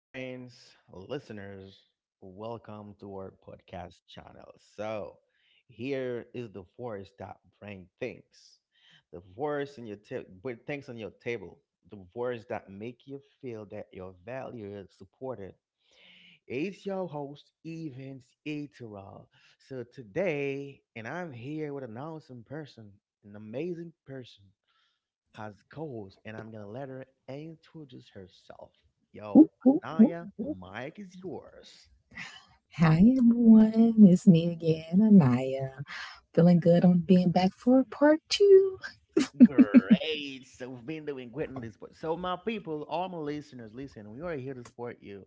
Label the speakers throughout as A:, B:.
A: friends, listeners, welcome to our podcast channel. So, here is the voice that brings things. The voice in put things on your table. The voice that make you feel that your value is supported. It's your host, Evans Eteral. So today, and I'm here with an awesome person, an amazing person. Has goals, and I'm gonna let her introduce herself. Yo,
B: Whoop, whoop, whoop.
A: Anaya, Mike is yours.
B: Hi everyone, it's me again, Anaya. Feeling good on being back for part two.
A: Great. So we've been doing great in this sport. So my people, all my listeners, listen, we are here to support you.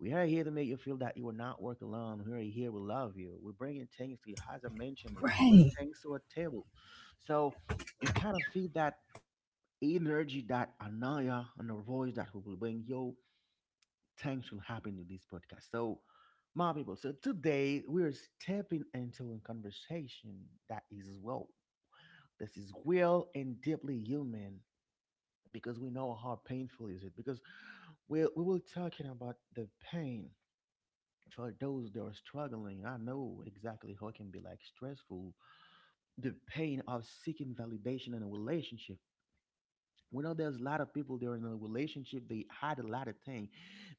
A: We are here to make you feel that you are not working alone. We are here. We love you. We're bringing things to you. As I mentioned it, we bring
B: Right.
A: things to a table. So you kind of feel that energy, that Anaya, and the voice that we will bring you. Things will happen in this podcast. So, my people, so today we are stepping into a conversation that is real. This is real and deeply human because we know how painful is it. Because we will talking about the pain for those that are struggling. I know exactly how it can be like stressful. The pain of seeking validation in a relationship. We know there's a lot of people, they're in a relationship, they hide a lot of things,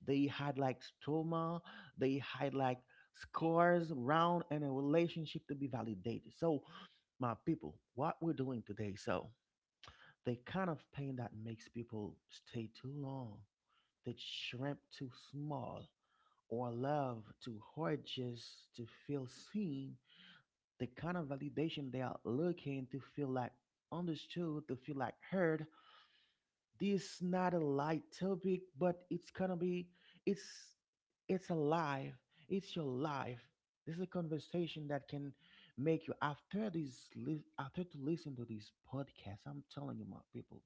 A: they hide like trauma, they hide like scars around in a relationship to be validated. So my people, what we're doing today, so the kind of pain that makes people stay too long, that shrimp too small, or love too hard just to feel seen, the kind of validation they are looking to feel like understood, to feel like heard. This not a light topic, but it's gonna be, it's it's alive. It's your life. This is a conversation that can make you after after to listen to this podcast. I'm telling you, my people,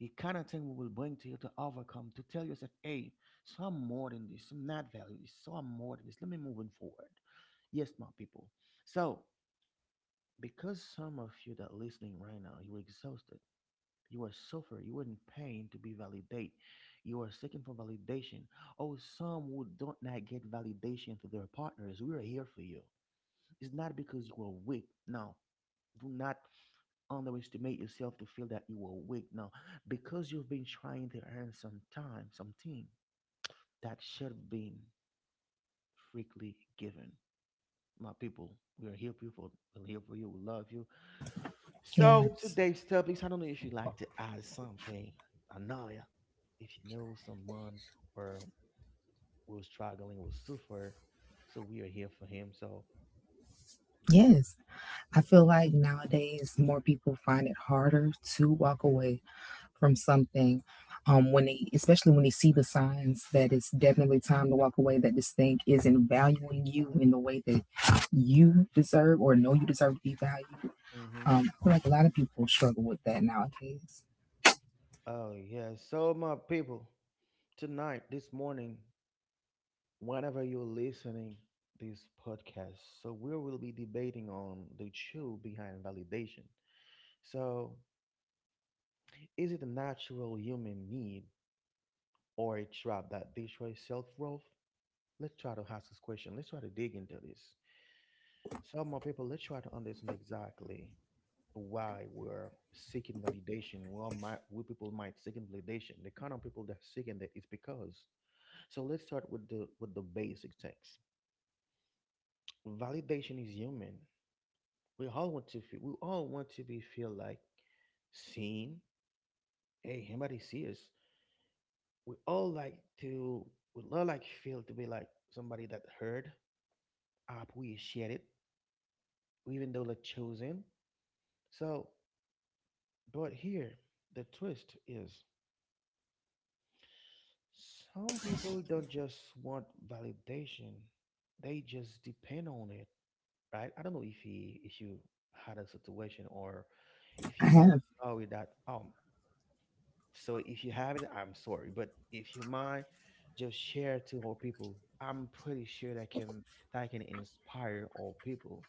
A: the kind of thing we will bring to you to overcome, to tell yourself, hey, so I'm more than this. I'm not valueless. So I'm more than this. Let me moving forward. Yes, my people. So because some of you that are listening right now, you're exhausted. You are suffering. You are in pain to be validated. You are seeking for validation. Oh, some who don't not get validation through their partners. We are here for you. It's not because you are weak. No. Do not underestimate yourself to feel that you are weak. No. Because you've been trying to earn some time, something that should have been freely given. My people, we are here for you. We're here for you. We love you. So
B: Yes.
A: today's topics, I don't know if you'd like to add something, Analia. If you know someone or was struggling with suffer, so we are here for him. So,
B: Yes. I feel like nowadays more people find it harder to walk away from something. When they especially when they see the signs that it's definitely time to walk away, that this thing isn't valuing you in the way that you deserve or know you deserve to be valued.
A: mm-hmm.
B: I feel like a lot of people struggle with that nowadays.
A: Oh yeah. So my people, tonight, this morning, whenever you're listening this podcast, so we will be debating on the truth behind validation. So, is it a natural human need or a trap that destroys self worth? Let's try to ask this question. Let's try to dig into this. So, my people, let's try to understand exactly why we're seeking validation. Well, my we people might seeking validation. The kind of people that seeking that is because. So let's start with the basic things. Validation is human. We all want to feel. We all want to be feel like seen. Hey, somebody see us. We all like to. We all like feel to be like somebody that heard, appreciated, even though they're chosen. So, but here the twist is, some people don't just want validation; they just depend on it, right? I don't know if you had a situation or if
B: I
A: you know.
B: have.
A: Sorry that So if you have it, I'm sorry, but if you mind, just share to all people. I'm pretty sure that can inspire all people.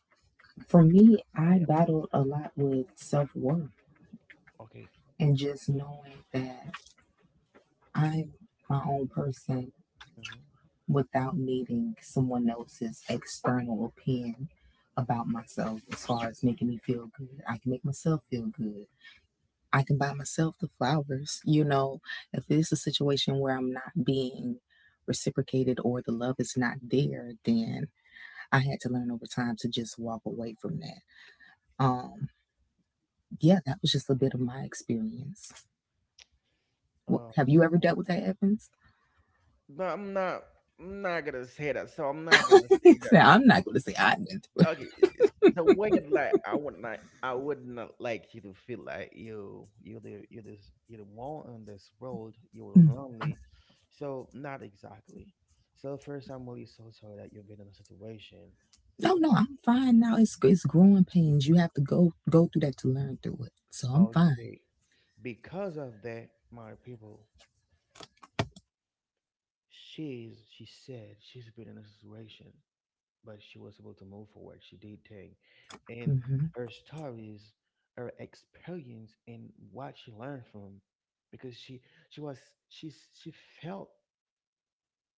B: For me,
A: Oh
B: I
A: yeah.
B: battled a lot with self worth
A: Okay.
B: and just knowing that I'm my own person
A: Mm-hmm.
B: without needing someone else's external opinion
A: Mm-hmm.
B: about myself as far as making me feel good. I can make myself feel good. I can buy myself the flowers. You know, if it's a situation where I'm not being reciprocated or the love is not there, then I had to learn over time to just walk away from that. Um, yeah, that was just a bit of my experience.
A: Uh,
B: Have
A: s-
B: you ever dealt with that, Evans?
A: but I'm not. I'm not gonna say that. So I'm not gonna say,
B: I'm not going to say I went through
A: okay, it's the way of like, I would not, I would not like you to feel like you the you, this you the one on this world,
B: it.
A: you're
B: Mm.
A: lonely. So not exactly. So first I'm really so sorry that you've been in a situation
B: No, no,
A: where-
B: I'm fine now. It's growing pains. You have to go through that to learn through it. So I'm fine.
A: okay, because of that, my people, she said she's been in a situation, but she was able to move forward. She did things, and
B: Hmm.
A: her stories, her experience, and what she learned from, because she was she she felt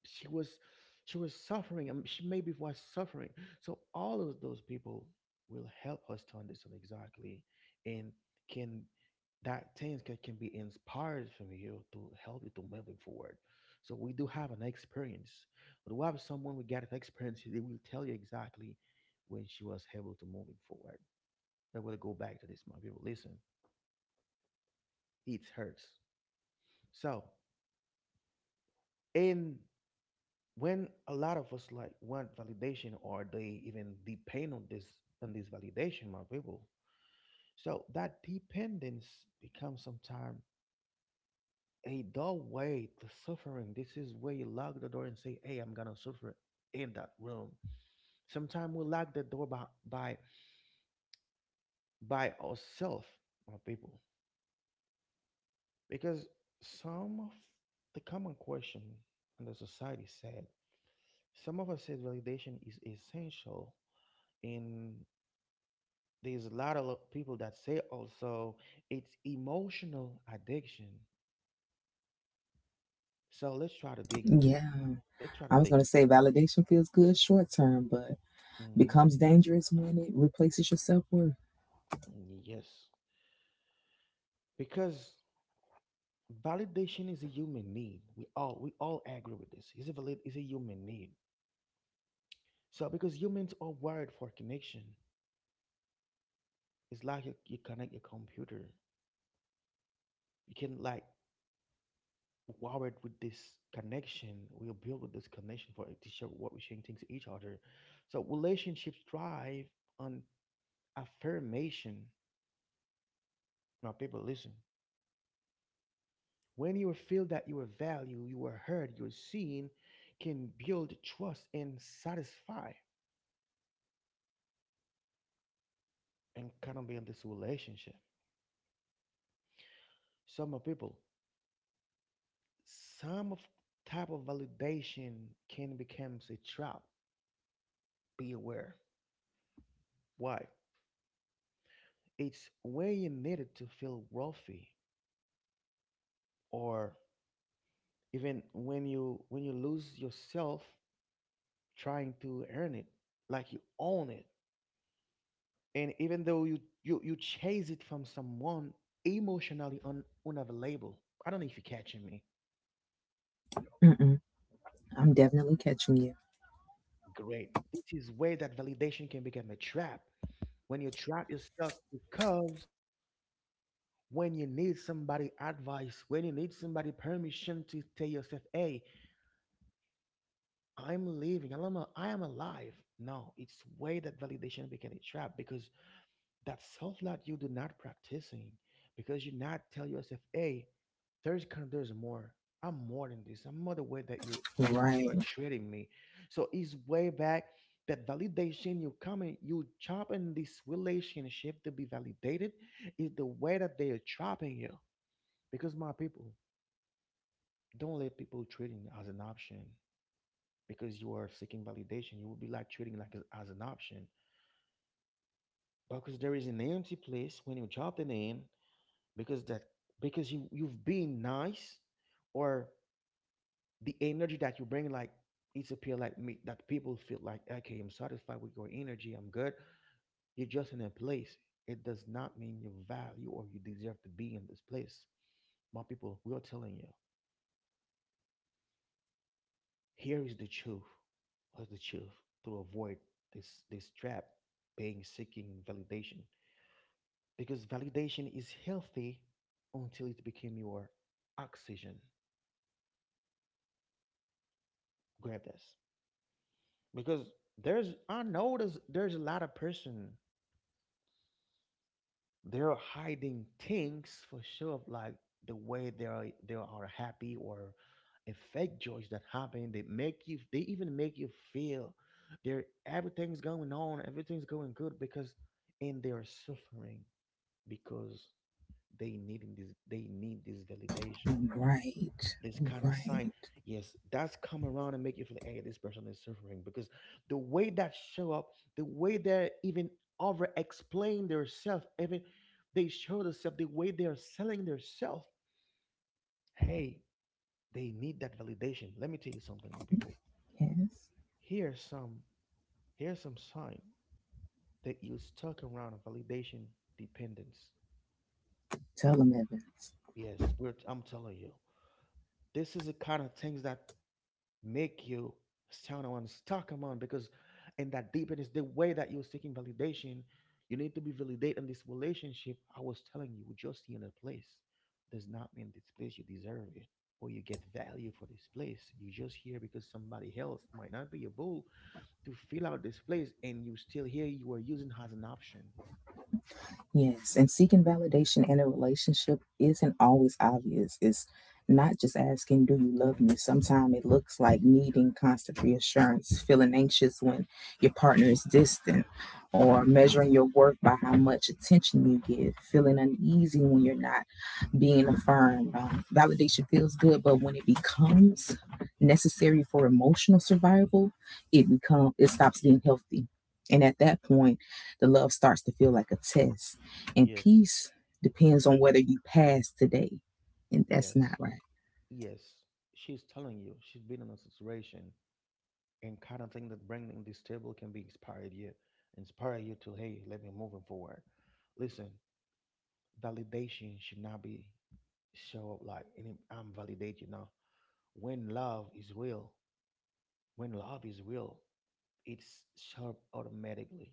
A: she was, she was suffering, and she maybe was suffering, so all of those people will help us to understand exactly and can, that things can be inspired from you to help you to moving forward. So we do have an experience, but we have someone, we get an experience, they will tell you exactly when she was able to moving forward. I will go back to this. My people, listen, it hurts. So in, when a lot of us like want validation or they even depend on this, on this validation, my people, so that dependence becomes sometimes a doorway to suffering. This is where you lock the door and say, hey, I'm gonna suffer in that room. Sometimes we lock the door by by ourselves, my people. Because some of the common question in the society said, some of us said validation is essential, in, there's a lot of people that say also it's emotional addiction. So let's try to dig into this.
B: Yeah,
A: Let's try to
B: I was
A: dig
B: going to
A: into.
B: say validation feels good short term, but
A: Hmm.
B: becomes dangerous when it replaces your self worth.
A: Yes, because validation is a human need. We all agree with this. It's a valid, it's a human need. So because humans are wired for connection, it's like you connect your computer. You can like wired with this connection. We are built with this connection for it to share what we are sharing things to each other. So relationships thrive on affirmation. Now, people, listen. When you feel that your value, you are heard, you're seen, can build trust and satisfy and kind of be in this relationship. Some of people, some of type of validation can become a trap. Be aware. Why? It's when you need it to feel wealthy, or even when you lose yourself trying to earn it, like you own it. And even though you chase it from someone emotionally unavailable. I don't know if you're catching me.
B: Mm-mm. I'm definitely catching you.
A: Great, this is where that validation can become a trap. When you trap yourself, because when you need somebody advice, when you need somebody permission to tell yourself, hey, I'm living, I'm a, I am alive. No, it's where that validation became a trap, because that self-love you do not practicing, because you not tell yourself, hey, there's more, I'm more than this, I'm more, the way that you, they
B: Right,
A: are treating me. So it's way back, that validation, you come in, you chop in this relationship to be validated, is the way that they are trapping you. Because my people, don't let people treating as an option, because you are seeking validation, you will be like treating like as an option, because there is an empty place when you drop the name. Because that, because you, you've been nice, or the energy that you bring like, it's appear like me that people feel like, okay, I'm satisfied with your energy, I'm good. You're just in a place. It does not mean your value or you deserve to be in this place. My people, we are telling you, here is the truth. What's the truth? To avoid this trap, being seeking validation, because validation is healthy until it became your oxygen. Grab this. Because there's, I notice, there's a lot of person, they're hiding things for sure, like the way they are happy, or a fake joys that happen, they make you, they even make you feel there, everything's going on, everything's going good, because, and they are suffering, because they needing this, they need this validation.
B: right,
A: This kind of sign,
B: right.
A: yes, that's come around and make you feel like, hey, this person is suffering, because the way that show up, the way they even over explain their self, even they show themselves, the way they are selling their self, hey, they need that validation. Let me tell you something, my people,
B: Yes.
A: here's some here's some sign that you stuck around validation dependence.
B: Tell them, Evans.
A: Yes, we're I'm telling you, this is the kind of things that make you sound on stuck on, because in that deepness, the way that you're seeking validation, you need to be validated in this relationship. I was telling you, just in a place, does not mean this place you deserve it, or you get value for this place. You just here because somebody else might not be able to fill out this place, and you still here. You are using as an option.
B: Yes, and seeking validation in a relationship isn't always obvious. It's not just asking, do you love
A: hmm
B: me? Sometimes it looks like needing constant reassurance, feeling anxious when your partner is distant, or measuring your worth by how much attention you give, feeling uneasy when you're not being affirmed. Validation feels good, but when it becomes necessary for emotional survival, it stops being healthy. And at that point, the love starts to feel like a test. And
A: yes,
B: peace depends on whether you pass today, and that's not
A: yes,
B: right.
A: yes, she's telling you she's been in a situation, and kind of thing that bringing this table can be inspired you, inspire you to, hey, let me moving forward. Listen, validation should not be show up like any, I'm validated now. When love is real, when love is real, it's sharp automatically.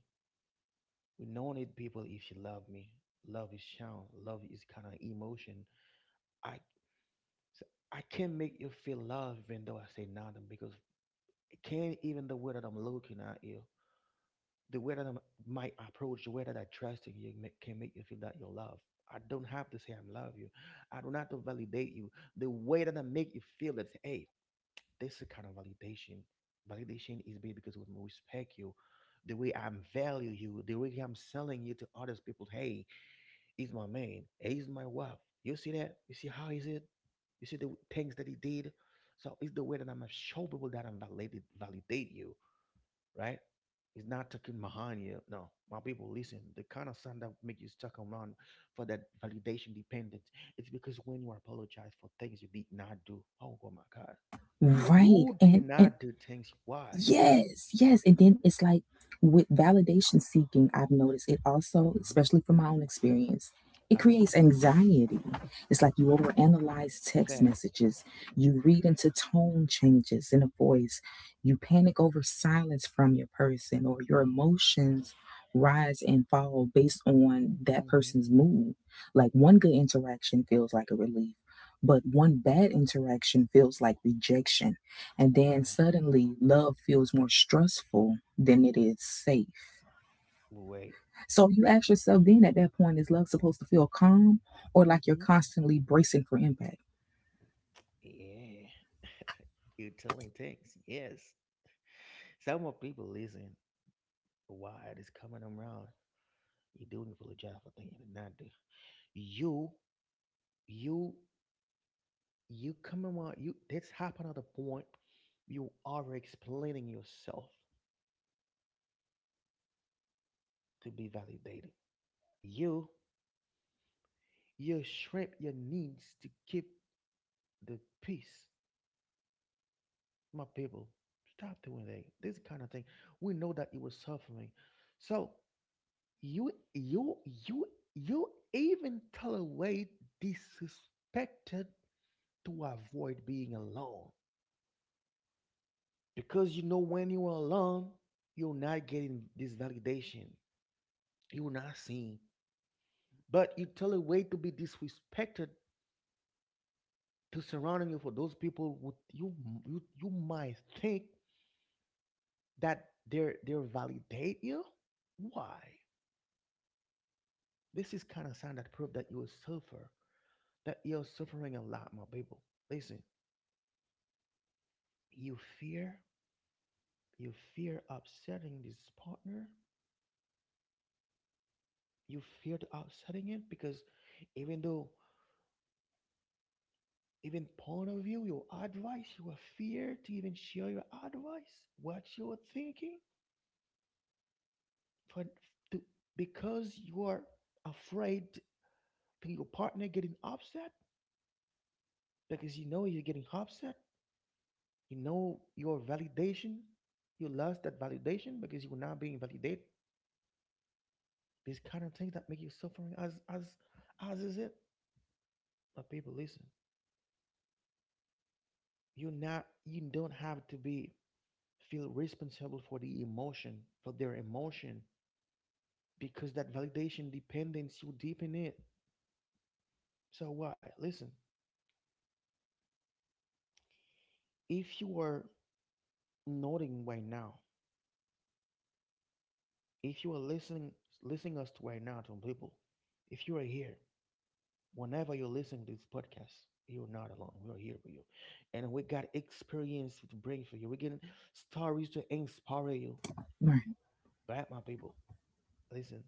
A: We don't need people if you love me. Love is shown. Love is kind of emotion. I i can't make you feel love even though I say nothing, because it can't even the way that I'm looking at you. The way that I might approach, the way that I trust in you ma- can make you feel that you're loved. I don't have to say I love you. I don't have to validate you. The way that I make you feel that, hey, this is kind of validation. Validation is made because when we respect you, the way I'm value you, the way I'm selling you to others people, hey, he's my man, hey, he's my wife. You see that? You see how is it? You see the things that he did? So it's the way that I'm gonna show people that I'm validate you, right? It's not talking mahania. No, my people, listen. The kind of sound that make you stuck around for that validation dependence, it's because when you apologize for things you did not do. Oh, oh my God,
B: Right.
A: you did
B: And
A: not do things. Why?
B: yes, yes. And then it's like with validation seeking, I've noticed it also,
A: Mm-hmm.
B: especially from my own experience, it
A: I
B: creates anxiety. It's like you overanalyze text
A: fact.
B: messages, you read into tone changes in a voice, you panic over silence from your person, or your
A: Mm-hmm.
B: emotions rise and fall based on that
A: Mm-hmm.
B: person's mood. Like one good interaction feels like a relief, but one bad interaction feels like rejection, and then
A: Uh,
B: suddenly, love feels more stressful than it is safe.
A: wait.
B: So you ask yourself then at that point, is love supposed to feel calm or like you're
A: Mm-hmm.
B: constantly bracing for impact?
A: Yeah. You're telling things. Yes. Some of people listen. Why it is coming around? You do apologize for things you did not do. You, you you come around, you, this happen at a point, you are explaining yourself to be validated, you you shrimp your needs to keep the peace. My people, stop doing that, this kind of thing. We know that you were suffering, so you you you you even tolerate disrespected to avoid being alone, because you know when you are alone, you're not getting this validation, you're not seen. But you tell a way to be disrespected to surrounding you, for those people would you, you might think that they're validate you. Why? This is kind of sign that prove that you suffer, that you're suffering a lot, my people. Listen, you fear, you fear upsetting this partner, you fear to upsetting it, because even though, even point of view, your advice, you were fear to even share your advice, what you are thinking, for to, because you are afraid to your partner getting upset, because you know you're getting upset, you know your validation, you lost that validation because you were not being validated. These kind of things that make you suffering as is it. But people, listen, you don't have to be feel responsible for the emotion, for their emotion, because that validation dependence you deep in it. So why listen, if you are nodding right now. If you are listening us to right now, to people, if you are here, whenever you're listening to this podcast, you're not alone. We are here for you, and we got experience to bring for you. We get stories to inspire you.
B: Right.
A: But my people, listen,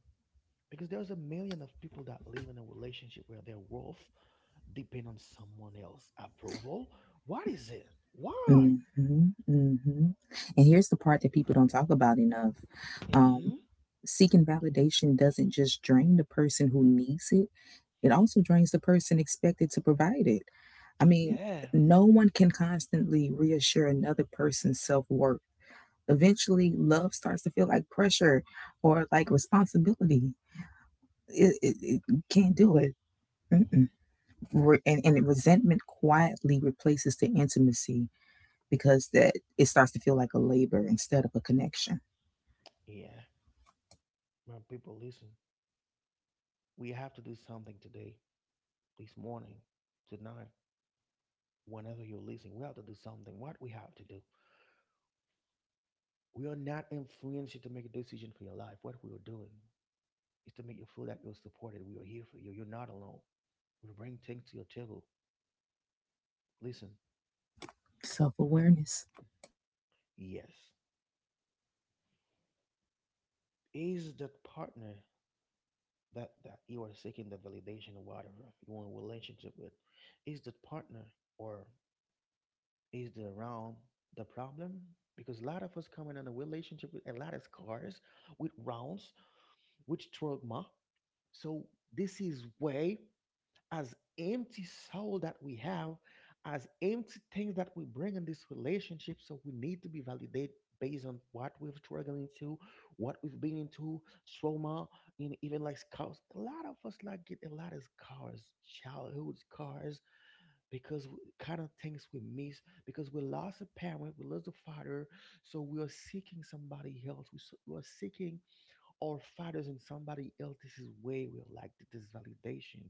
A: because there's a million of people that live in a relationship where their worth depend on someone else's approval. What is it? Why?
B: Mm hmm, mm hmm. And here's the part that people don't talk about enough. Um,
A: hmm
B: Seeking validation doesn't just drain the person who needs it, it also drains the person expected to provide it. I mean,
A: Yeah.
B: no one can constantly reassure another person's self worth. Eventually love starts to feel like pressure or like responsibility. It can't do it. Mm-mm.
A: hmm
B: And resentment quietly replaces the intimacy because that it starts to feel like a labor instead of a connection.
A: Yeah. My people, listen. We have to do something today, this morning, tonight, whenever you're listening, we have to do something. What we have to do, we are not influencing to make a decision for your life. What we are doing is to make you feel that you're supported. We are here for you. You're not alone. We bring things to your table. Listen,
B: Self awareness.
A: yes, is that partner, that you are seeking the validation, or whatever you want a relationship with, is that partner, or is the around the problem? Because a lot of us coming in a relationship with a lot of scars, with rounds, with trauma. So this is way, as empty soul that we have, as empty things that we bring in this relationship. So we need to be validated based on what we've struggled into, what we've been into, trauma, and even like scars. A lot of us like get a lot of scars, childhood scars, because we, kind of things we miss, because we lost a parent, we lost a father, so we are seeking somebody else. We, we are seeking our fathers in somebody else's way will like this validation,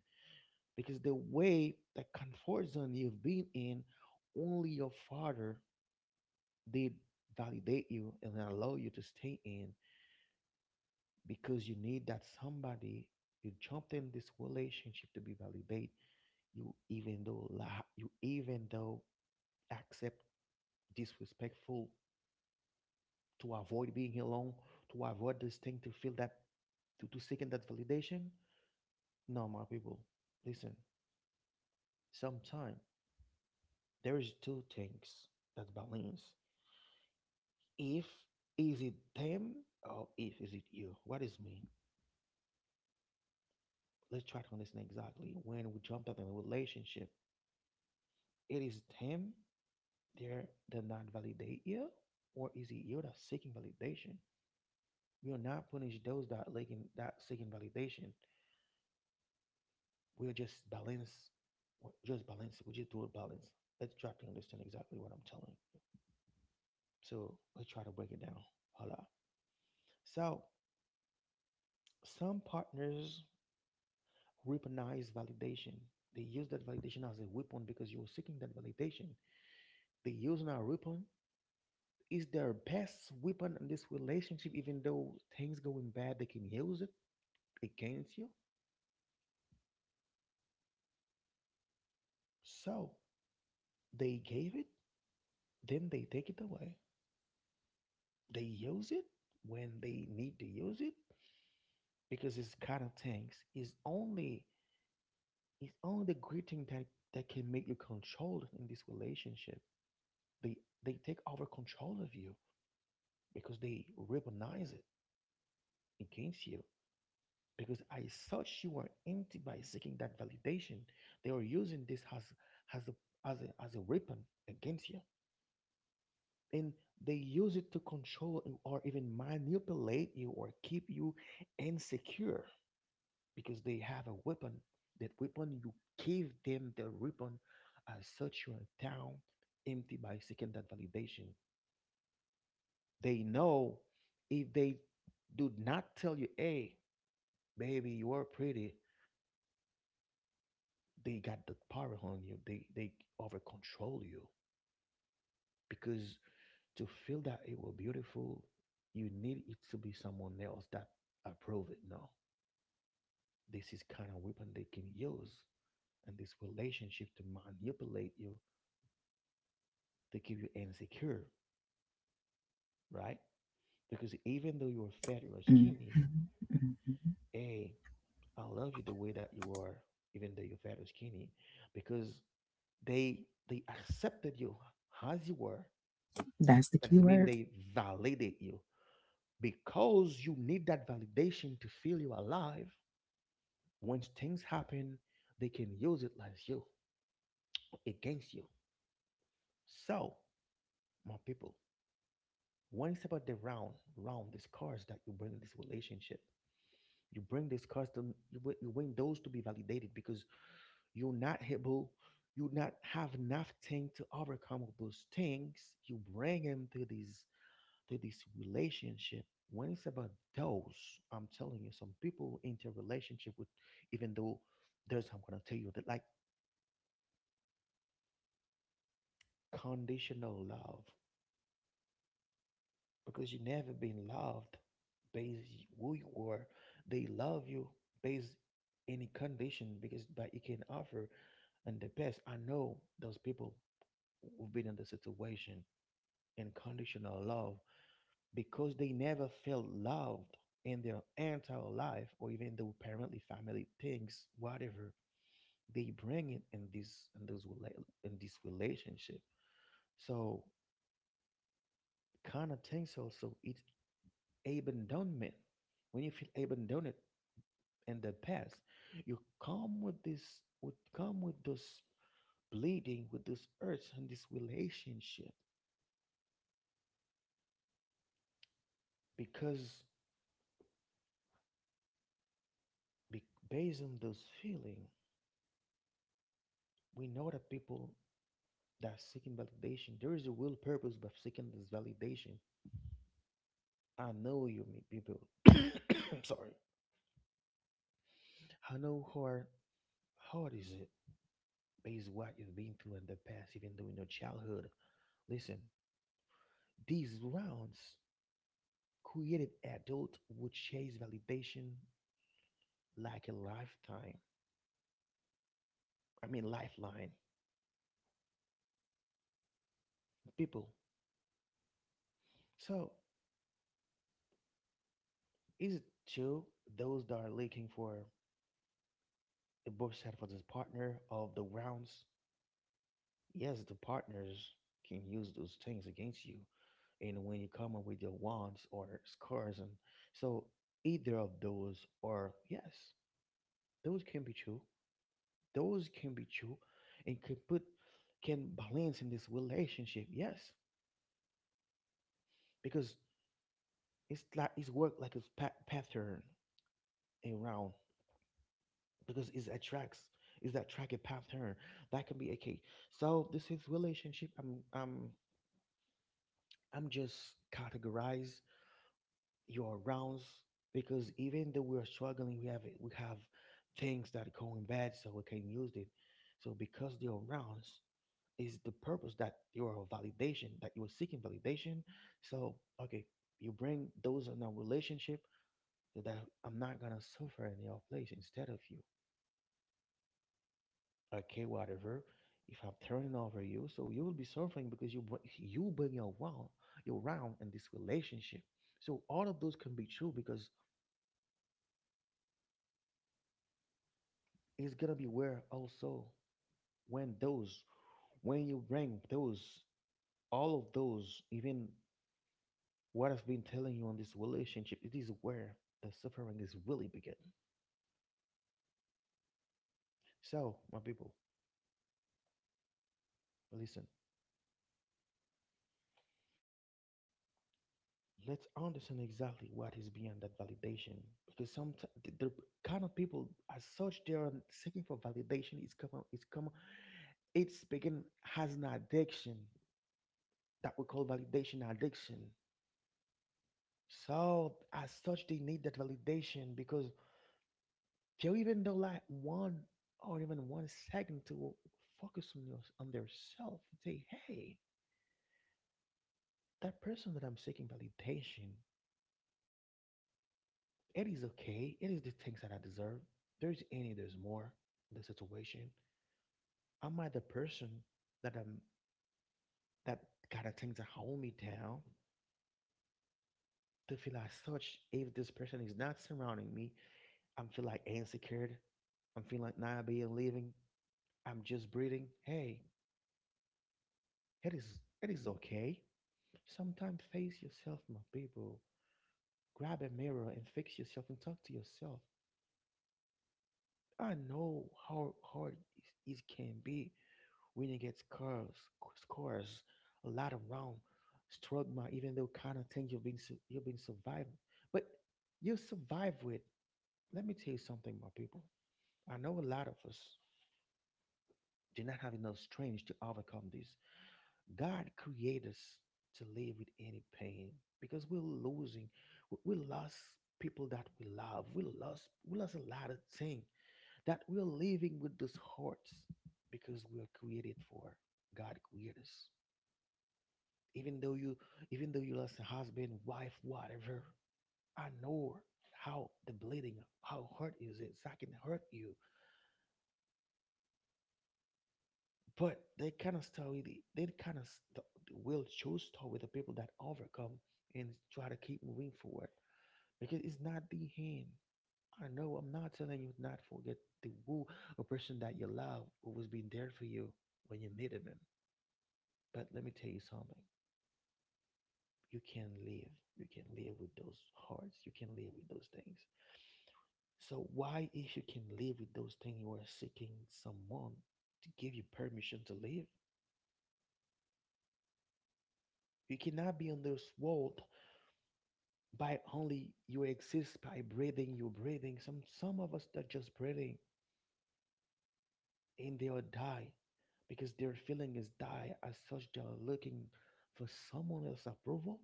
A: because the way that comfort zone you've been in, only your father did validate you and allow you to stay in. Because you need that somebody, you jumped in this relationship to be validated. You even though you even though accept disrespectful to avoid being alone, to avoid this thing to feel that, to seeking that validation. No, my people, listen. Sometimes there is two things that balance. If is it them, or if is it you? What is me? Let's try to understand exactly when we jumped out in a relationship. It is them, they're that not validate you, or is it you that's seeking validation? We are not punish those that looking that seeking validation. We're just balance what just balance. We just do a balance. Let's try to understand exactly what I'm telling. So let's try to break it down. Hold up. So some partners weaponize validation. They use that validation as a weapon because you're seeking that validation. They use our weapon, is their best weapon in this relationship. Even though things going bad, they can use it against you. So they gave it, then they take it away. They use it when they need to use it, because it's kind of things, it's only, it's only the great thing that that can make you controlled in this relationship. They they take over control of you, because they weaponize it against you. Because I search you are empty by seeking that validation. They are using this as a, as a weapon against you, and they use it to control you, or even manipulate you, or keep you insecure, because they have a weapon. That weapon you give them the weapon as such you are down, empty by seeking that validation. They know, if they do not tell you, hey, baby, you are pretty. They got the power on you. They over control you, because to feel that it was beautiful, you need it to be someone else that approve it. No, this is kind of weapon they can use in this relationship to manipulate you, to keep you insecure, right? Because even though you're fat or skinny,
B: Mm-hmm.
A: hey, I love you the way that you are, even though you're fat or skinny, because they accepted you as you were.
B: That's the
A: That
B: key
A: is mean
B: word.
A: they validate you because you need that validation to feel you alive. When things happen, they can use it as you against you. So, my people, when it's about the round, round these cards that you bring in this relationship, you bring these cards to you, you bring those to be validated, because you're not able, you not have enough thing to overcome all those things. You bring them to these, to this relationship, when it's about those, I'm telling you some people into a relationship with, even though there's, I'm gonna tell you that like conditional love, because you never been loved based who you are. They love you based any condition, because but you can offer. And the best, I know those people who've been in the situation in conditional love, because they never felt loved in their entire life, or even though apparently family thinks whatever, they bring it in this, in those, in this relationship. So kind of things also, it's abandonment. When you feel abandoned in the past, you come with this, would come with this bleeding, with this hurts, and this relationship, because be, based on those feeling, we know that people that's seeking validation. There is a will purpose by seeking this validation. I know you meet people. I'm sorry. I know how hard, hard is it based on what you've been through in the past, even though in your childhood. Listen, these rounds created adult would chase validation like a lifetime. I mean lifeline. People. So is it true, those that are looking for a bush side, for this partner of the rounds. Yes, the partners can use those things against you. And when you come up with your wants or scores, and so either of those, or yes, those can be true. Those can be true, and can put can balance in this relationship. Yes, because it's like it's work like a pattern around because it attracts is that track a pattern that can be okay. So this is relationship. I'm just categorize your rounds because even though we're struggling, we have things that are going bad, so we can use it. So because your rounds is the purpose that your validation that you are seeking validation. So okay, you bring those in a relationship so that I'm not gonna suffer in your place instead of you. Okay, whatever. If I'm turning over you, so you will be suffering because you you bring your round in this relationship. So all of those can be true because it's gonna be where also when those when you bring those all of those even what I've been telling you on this relationship it is where the suffering is really begin. So my people, listen. Let's understand exactly what is beyond that validation because some the kind of people as such they are seeking for validation is come it's begin has an addiction that we call validation addiction. So as such, they need that validation because they'll even though like one or even 1 second to focus on your on their self and say, hey, that person that I'm seeking validation, it is okay. It is the things that I deserve. There's more in the situation. Am I the person that I'm that kind of things that hold me down to feel as such if this person is not surrounding me, I'm feel like insecure. I'm feeling like not being living. I'm just breathing. Hey, it is it is okay. Sometimes face yourself, my people. Grab a mirror and fix yourself and talk to yourself. I know how hard it can be when you get scars, scars, a lot around, strugma, even though kind of things you've been you've been surviving, but you survive with. Let me tell you something, my people. I know a lot of us do not have enough strength to overcome this. God created us to live with any pain because we're losing. We lost people that we love. We lost a lot of things that we're living with these hurts because we are created for. God created us. Even though you even though you lost a husband, wife, whatever, I know how the bleeding, how hurt is it. That can hurt you. But they cannot will choose start with the people that overcome and try to keep moving forward because it's not the end. I know I'm not telling you not forget the who a person that you love who was being there for you when you needed them. But let me tell you something. You can live. You can live with those hearts. You can live with those things. So why if you can live with those things you are seeking someone to give you permission to live? You cannot be on this world by only you exist by breathing you breathing some of us are just breathing and they'll die because their feeling is die as such they're looking for someone else's approval.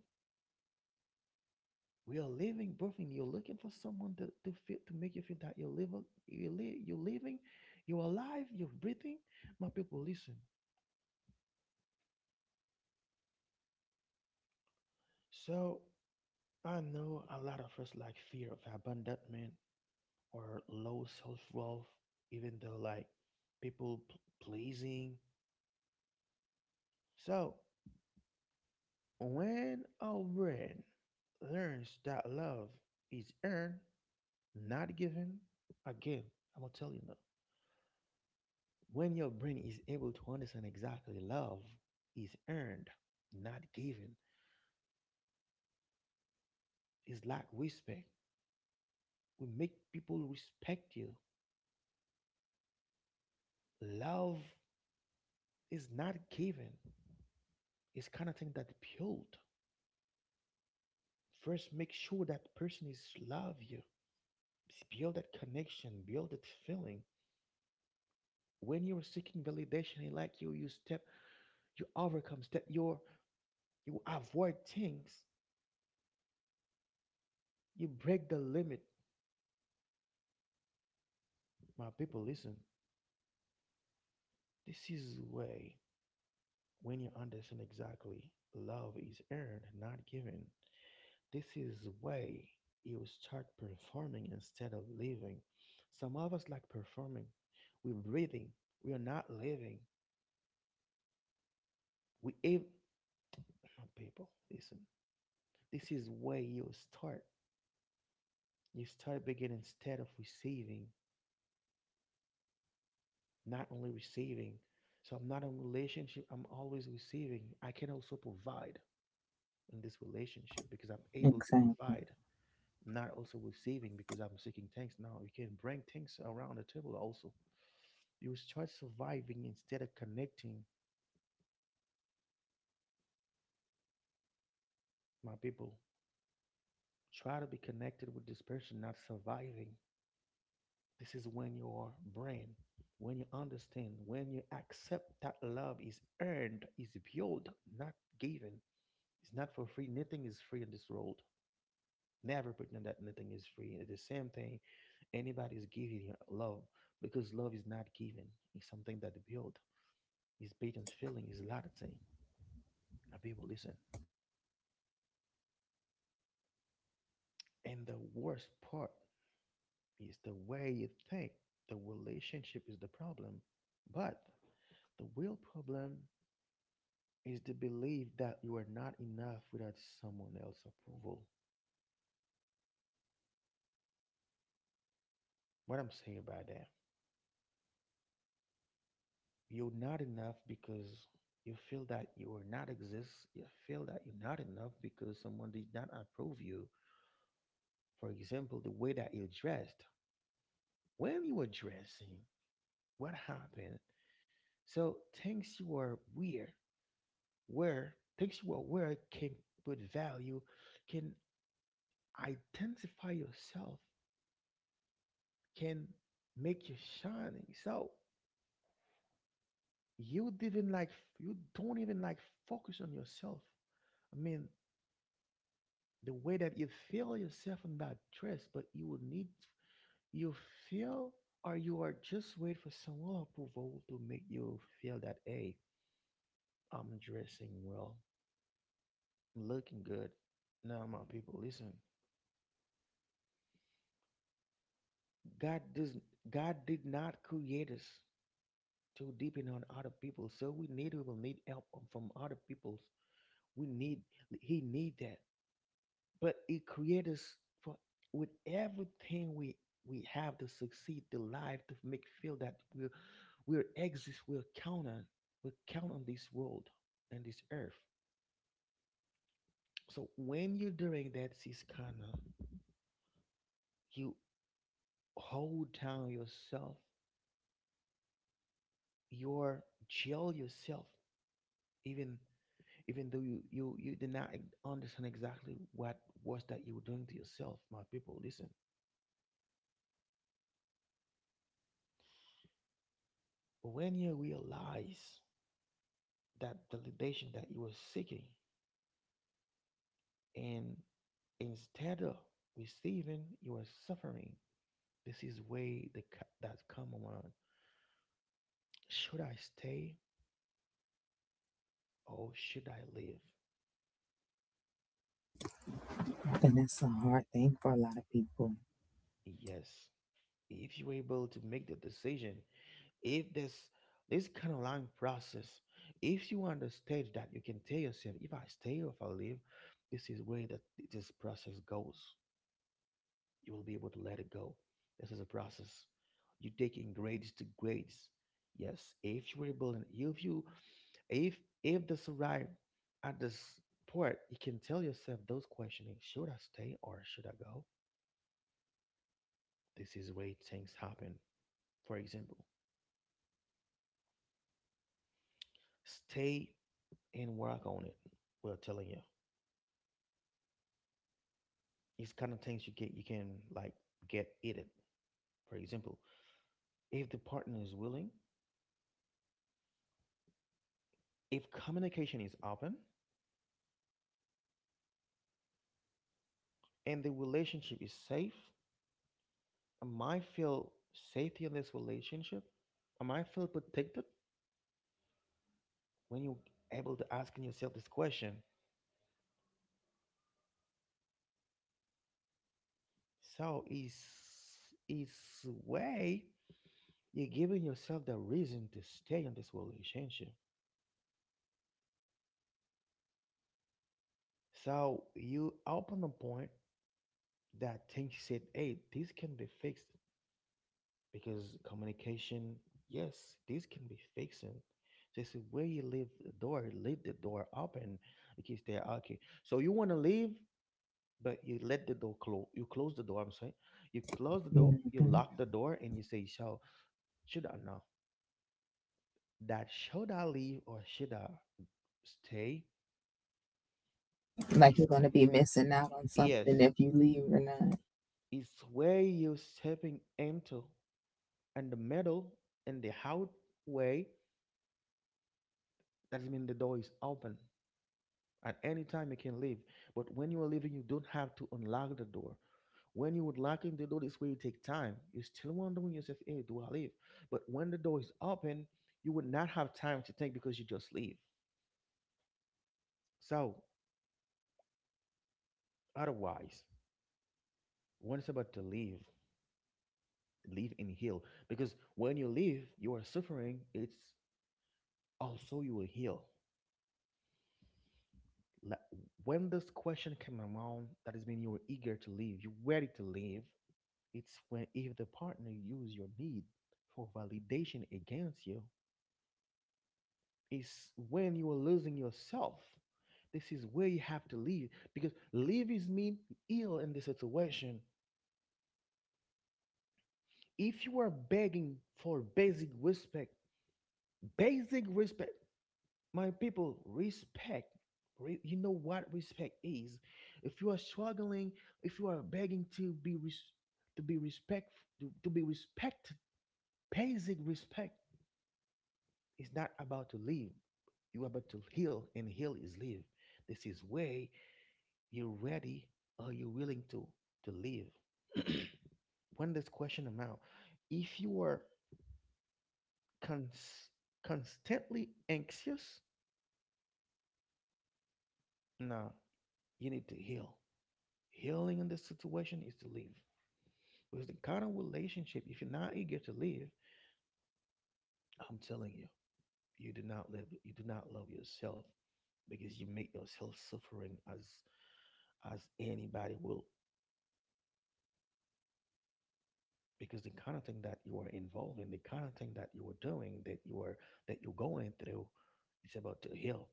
A: We are living breathing. You're looking for someone to feel to make you feel that you're living you live you're living, you're alive you're breathing. My people, listen. So I know a lot of us like fear of abandonment or low self-worth even though like people pleasing. So, when our brain learns that love is earned, not given, again, I'm gonna tell you now. When your brain is able to understand exactly love is earned, not given, it's like respect. We make people respect you. Love is not given. It's kind of thing that build. First, make sure that person is love you. Build that connection, build that feeling. When you are seeking validation in like you step you overcome step your you avoid things you break the limit. My people, listen. This is way when you understand exactly love is earned, not given, this is way you start performing instead of living. Some of us like performing, we're breathing, we are not living. We my people, listen. This is way you start beginning instead of receiving, not only receiving. So I'm not in a relationship, I'm always receiving. I can also provide in this relationship because I'm able to
B: Exactly.
A: provide, not also receiving because I'm seeking things. Now you can bring things around the table also. You start surviving instead of connecting, my people. Try to be connected with this person, not surviving. This is when your brain, when you understand, when you accept that love is earned, is built, not given. It's not for free. Nothing is free in this world. Never pretend that nothing is free. It is same thing. Anybody is giving you love because love is not given. It's something that built. It's based on feeling. It's a lot of things. People, listen. And the worst part is the way you think the relationship is the problem. But the real problem is the belief that you are not enough without someone else's approval. What I'm saying by that, you're not enough because you feel that you are not exist. You feel that you're not enough because someone did not approve you. For example, the way that you dressed. When you were dressing, what happened? So things you were weird, where things you were aware can put value, can identify yourself, can make you shining. So you didn't like you don't even like focus on yourself. I mean, the way that you feel yourself in that dress, but you will need, you feel, or you are just waiting for someone approval to make you feel that, hey, I'm dressing well, I'm looking good. Now, my people, listen. God doesn't, God did not create us to depend on other people, so we need, we will need help from other people. We need, He need that. But it created us for with everything we have to succeed the life to make feel that we exist. We count on this world and this earth. So when you're doing that, is kind of you hold down yourself, you jail yourself, even even though you did not understand exactly what was that you were doing to yourself, my people. Listen, when you realize that validation that you were seeking, and instead of receiving, you are suffering. This is way the that come around. Should I stay or should I leave?
B: And that's a hard thing for a lot of people.
A: Yes. If you're able to make the decision, if this kind of long process, if you understand that you can tell yourself, if I stay or if I leave, this is where that this process goes. You will be able to let it go. This is a process. You're taking grades to grades. Yes, if you're able and if you if this arrive at this port, you can tell yourself those questioning: should I stay or should I go? This is where things happen. For example, stay and work on it. We're telling you, it's kind of things you can like get it. For example, if the partner is willing, if communication is open, and the relationship is safe, I might feel safety in this relationship. I might feel protected when you're able to asking yourself this question. So it's way you're giving yourself the reason to stay in this relationship. So you open a point that thinks said, hey, this can be fixed because communication, yes, this can be fixing. Just the way you leave the door open. Okay, stay okay. So you want to leave, but you let the door close. You close the door. I'm sorry. You close the door.
B: Hmm.
A: You lock the door, and you say, "So should I know?" That should I leave or should I stay
B: Like
A: is
B: you're going to be missing out on
A: yes,
B: something if you leave or not.
A: it's where you're stepping into and the middle and the out way, that means the door is open. At any time you can leave. But when you are leaving, you don't have to unlock the door. When you would lock in the door, this way you take time. You're still wondering yourself, hey, do I leave? But when the door is open, you would not have time to think because you just leave. So otherwise, when it's about to leave, live and heal, because when you live you are suffering, it's also you will heal. Like, when this question came around, that has been you were eager to live, you ready to live. It's when if the partner use your need for validation against you is when you are losing yourself. This is where you have to live, because live is mean ill in this situation. If you are begging for basic respect, basic respect, my people, respect, you know what respect is. If you are struggling, if you are begging to be to be respect, to be respected, basic respect is not about to live. You are about to heal, and heal is live. This is way. You're ready. Are you willing to live? When this question amount, if you are cons- constantly anxious, nah, you need to heal. Healing in this situation is to leave. Because the kind of relationship, if you're not eager to leave, I'm telling you, you do not live. You do not love yourself, because you make yourself suffering as anybody will. Because the kind of thing that you are involved in, the kind of thing that you are doing, that you are that you're going through, it's about to heal.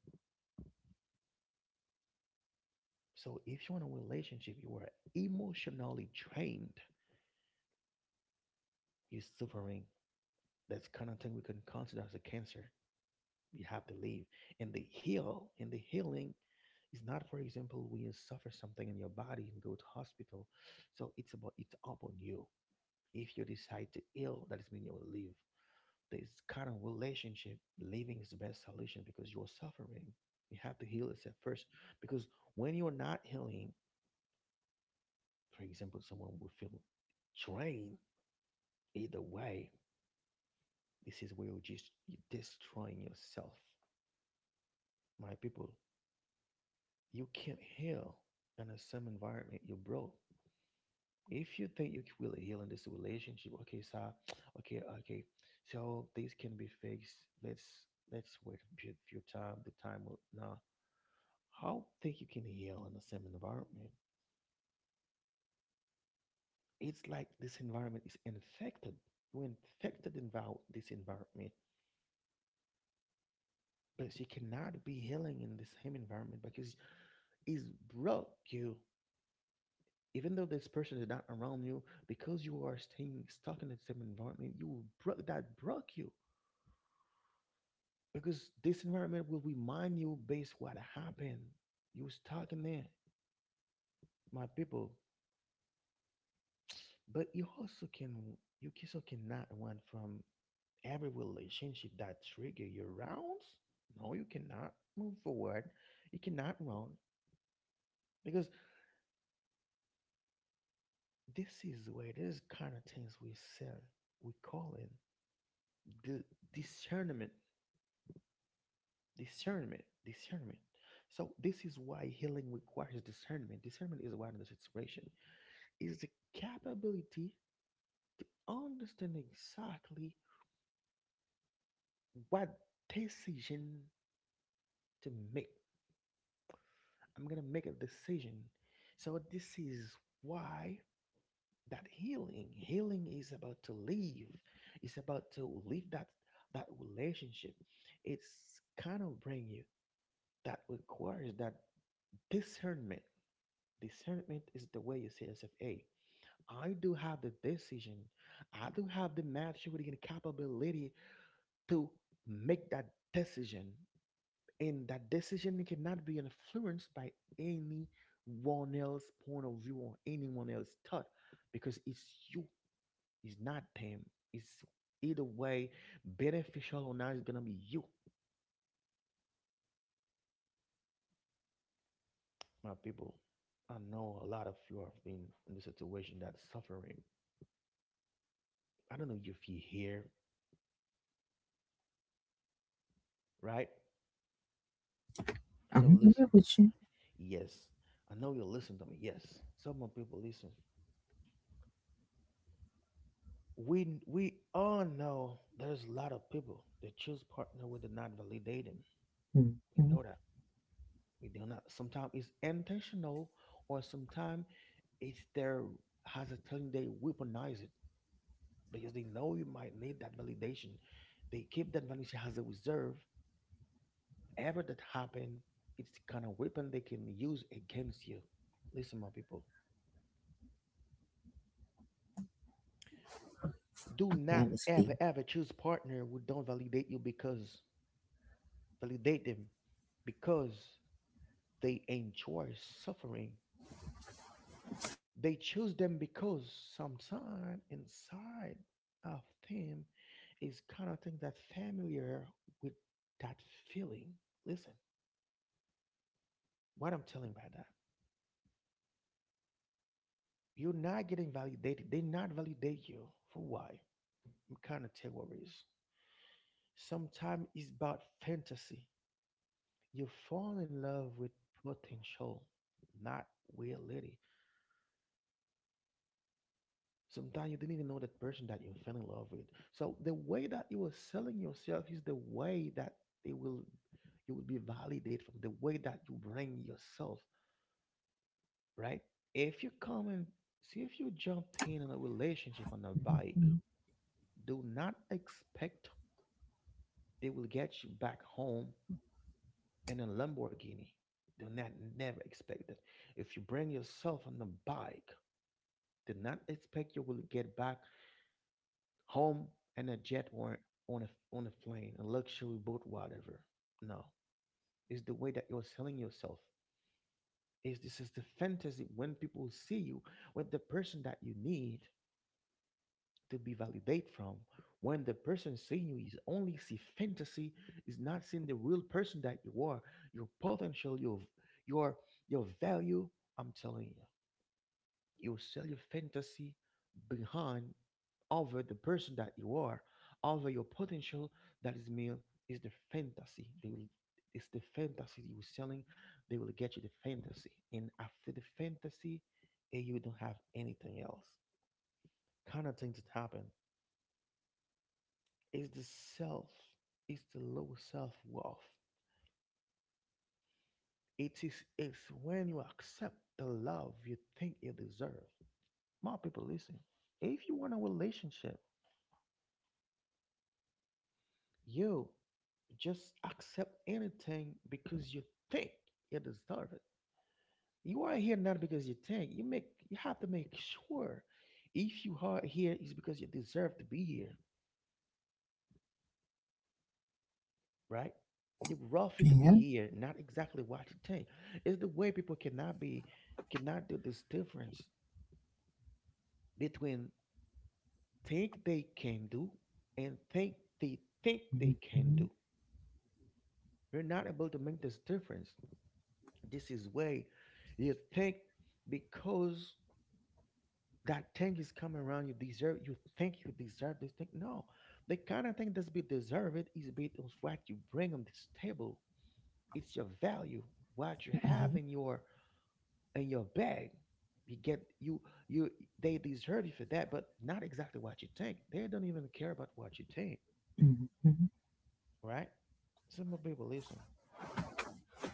A: So if you're in a relationship, you are emotionally drained, you're suffering. That's kind of thing we can consider as a cancer. You have to leave, and the heal and the healing is not, for example, when you suffer something in your body and go to hospital. So it's about, it's up on you. If you decide to heal, that means you will leave this kind of relationship. Leaving is the best solution because you're suffering. You have to heal yourself first, because when you're not healing, for example, someone will feel drained either way. This is where you're just, you're destroying yourself, my people. You can't heal in the same environment you broke. If you think you can really heal in this relationship, okay, sir, okay, okay, so this can be fixed. Let's let's wait a few time. The time will now. How think you can heal in the same environment? It's like this environment is infected. You infected in this environment, but you cannot be healing in the same environment because it's broke you. Even though this person is not around you, because you are staying stuck in the same environment, you will broke that broke you. Because this environment will remind you based what happened. You stuck in there, my people. But you also cannot run from every relationship that trigger your rounds. No, you cannot move forward. You cannot run, because this is where this kind of things we sell. We call it the discernment. Discernment. So this is why healing requires discernment. Discernment is one of the situation, is the capability understanding exactly what decision to make. I'm gonna make a decision. So this is why that healing is about to leave. It's about to leave that relationship. It's kind of bring you, that requires that discernment. Discernment is the way you say yourself: a I do have the decision. I do have the maturity and capability to make that decision. And that decision cannot be influenced by anyone else's point of view or anyone else's thought, because it's you, it's not them. It's, either way, beneficial or not, it's going to be you, my people. I know a lot of you have been in the situation that's suffering. I don't know if you hear, right? So
B: I'm here
A: listen,
B: with you.
A: yes. I know you listen to me. Yes. Some of people listen. We all know there's a lot of people that choose partner when they not validate them. We
B: Hmm.
A: know that. We do not, sometimes it's intentional, or sometimes it's their has a telling, they weaponize it, because they know you might need that validation. They keep that validation as a reserve. Ever that happen, it's the kind of weapon they can use against you. Listen, my people. Do not
B: That was deep.
A: ever, ever choose partner who don't validate you, because validate them, because they enjoy suffering. They choose them because sometime inside of them is kind of thing that familiar with that feeling. Listen, what I'm telling by that, you're not getting validated. They not validate you for why? I'm kind of tell what it is. Sometimes it's about fantasy. You fall in love with potential, not reality. Sometimes you didn't even know that person that you fell in love with. So the way that you are selling yourself is the way that they will you will be validated from the way that you bring yourself, right? If you come and see, if you jumped in on a relationship on a bike,
B: Mhm.
A: do not expect they will get you back home in a Lamborghini. Do not, never expect that. If you bring yourself on the bike, do not expect you will get back home in a jet, or on a plane, a luxury boat, whatever. No, it's the way that you're selling yourself. Is this is the fantasy when people see you with the person that you need to be validate from. When the person seeing you is only see fantasy, is not seeing the real person that you are, your potential, your your value. I'm telling you, you sell your fantasy behind, over the person that you are, over your potential. That is meal, is the fantasy. They will it's the fantasy you were selling. They will get you the fantasy, and after the fantasy, eh, you don't have anything else. Kind of things that happen is the self. It's the low self worth. It's when you accept the love you think you deserve. My people, listen. If you want a relationship, you just accept anything, because you think you deserve it. You are here not because you think. You have to make sure if you are here is because you deserve to be here, right? You're rough it to
B: Yeah.
A: be here, not exactly what you think. It's the way people cannot be, cannot do this difference between think they can do and think they can
B: Hmm.
A: do. You're not able to make this difference. This is way you think, because that thing is coming around, you deserve, you think you deserve this thing. No, the kind of thing that's be deserved is be of what you bring on this table. It's your value, what you have
B: Right.
A: in your bag. you get you you they deserve you for that, but not exactly what you think. They don't even care about what you think,
B: Hmm.
A: right? Some of people listen.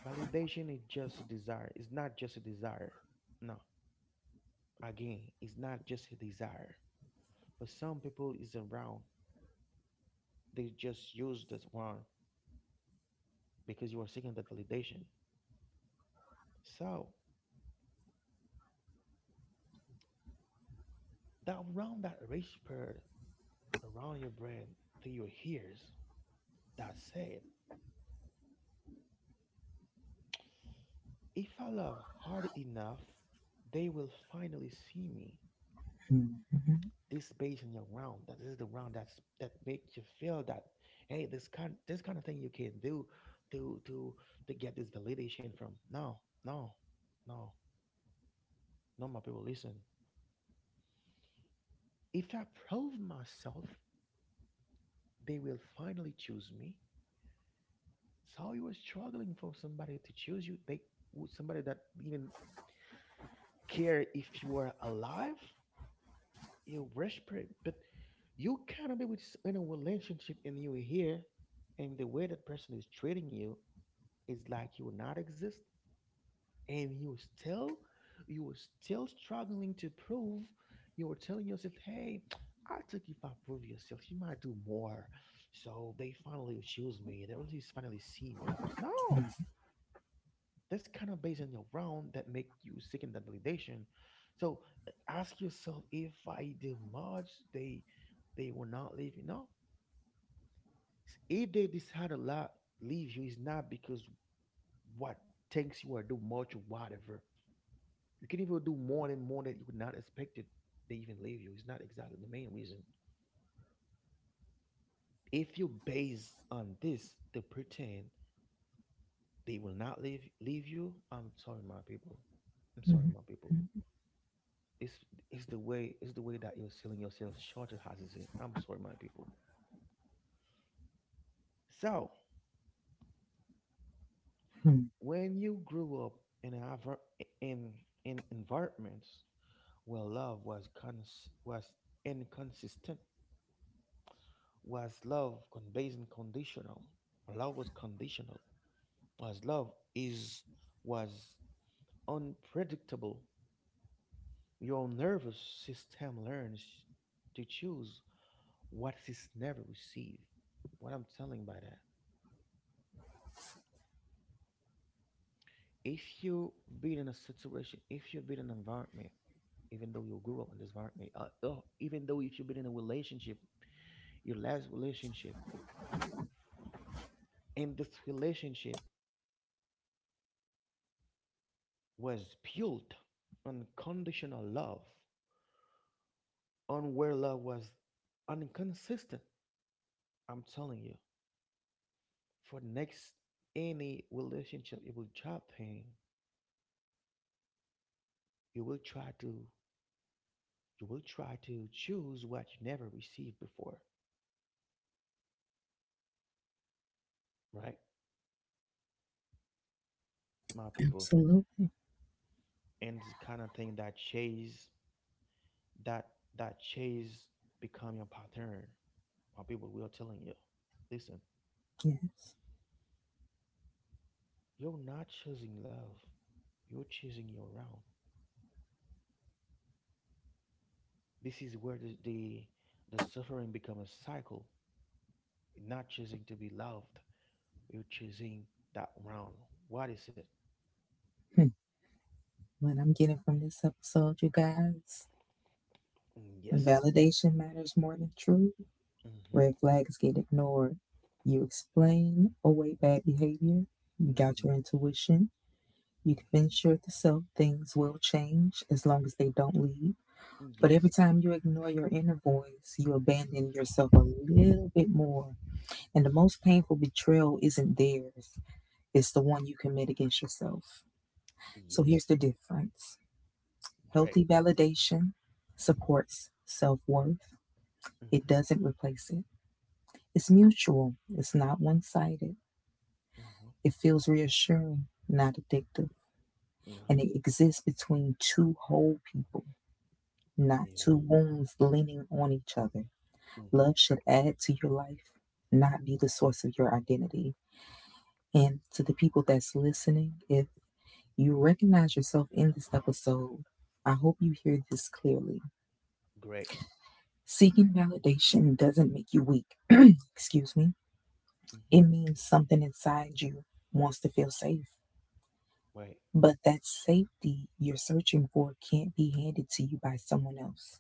A: Validation is just a desire, it's not just a desire, no, again, it's not just a desire. For some people, it's around. They just used this one because you are seeking that validation. So that round, that rich bird around your brain to your ears that said, if I love hard enough, they will finally see me.
B: Hmm.
A: This based on your round, that this is the round that's that makes you feel that, hey, this kind, this kind of thing you can do to to get this validation from. No, no, no, no, my people, listen. If I prove myself, they will finally choose me. So you were struggling for somebody to choose you. They, somebody that even care if you are alive. You respect, but you cannot be with in a relationship and you here, and the way that person is treating you is like you will not exist, and you still, you are still struggling to prove. You are telling yourself, "Hey, I think if I prove yourself, you might do more." So they finally choose me. They really finally see me. No. That's kind of based on your round that make you seeking that validation. So ask yourself, if I did much, they will not leave you. No, if they decide a lot leave you, it's not because what thinks you are do much or whatever. You can even do more than more that you would not expected. They even leave you. It's not exactly the main reason. If you base on this to pretend they will not leave you, I'm sorry, my people. I'm sorry,
B: Hmm.
A: my people. It's it's the way, it's the way that you're selling yourself short of houses. I'm sorry, my people. So when you grew up in in in environments where love was was inconsistent, was love based and conditional, where love was conditional, was love is was unpredictable. Your nervous system learns to choose what it's never received. What I'm telling by that: if you been in a situation, if you've been in an environment, even though you grew up in this environment, oh, even though if you've been in a relationship, your last relationship, and this relationship was built on conditional love, on where love was inconsistent, I'm telling you, for next any relationship you will drop in, you will try to you will try to choose what you never received before, right, my people?
B: Absolutely.
A: And this kind of thing that chase that that chase become your pattern, or people will telling you, listen,
B: Yes.
A: you're not choosing love, you're choosing your own. This is where the suffering becomes a cycle. You're not choosing to be loved, you're choosing that round. What is it?
B: Hmm. What I'm getting from this episode, you guys,
A: Mm,
B: when
A: yes.
B: validation matters more than truth.
A: Mm-hmm.
B: Red flags get ignored. You explain away bad behavior. You doubt your
A: Mm-hmm.
B: intuition. You
A: Mm-hmm.
B: convince yourself things will change as long as they don't leave. But every
A: Yes.
B: time you ignore your inner voice, you abandon yourself a little bit more. And the most painful betrayal isn't theirs, it's the one you commit against yourself. So here's
A: Yes.
B: the difference:
A: Great.
B: healthy validation supports self worth, it
A: Mm-hmm.
B: doesn't replace it. It's mutual, it's not one sided.
A: Mm-hmm.
B: It feels reassuring, not addictive,
A: No.
B: and it exists between two whole people, not two
A: Ill.
B: wounds leaning on each other.
A: Mm-hmm.
B: Love should add to your life, not be the source of your identity. And to the people that's listening, if you recognize yourself in this episode, I hope you hear this clearly.
A: Great.
B: Seeking validation doesn't make you weak, excuse me.
A: Mm-hmm.
B: It means something inside you wants to feel safe.
A: Wait.
B: But that safety you're searching for can't be handed to you by someone else.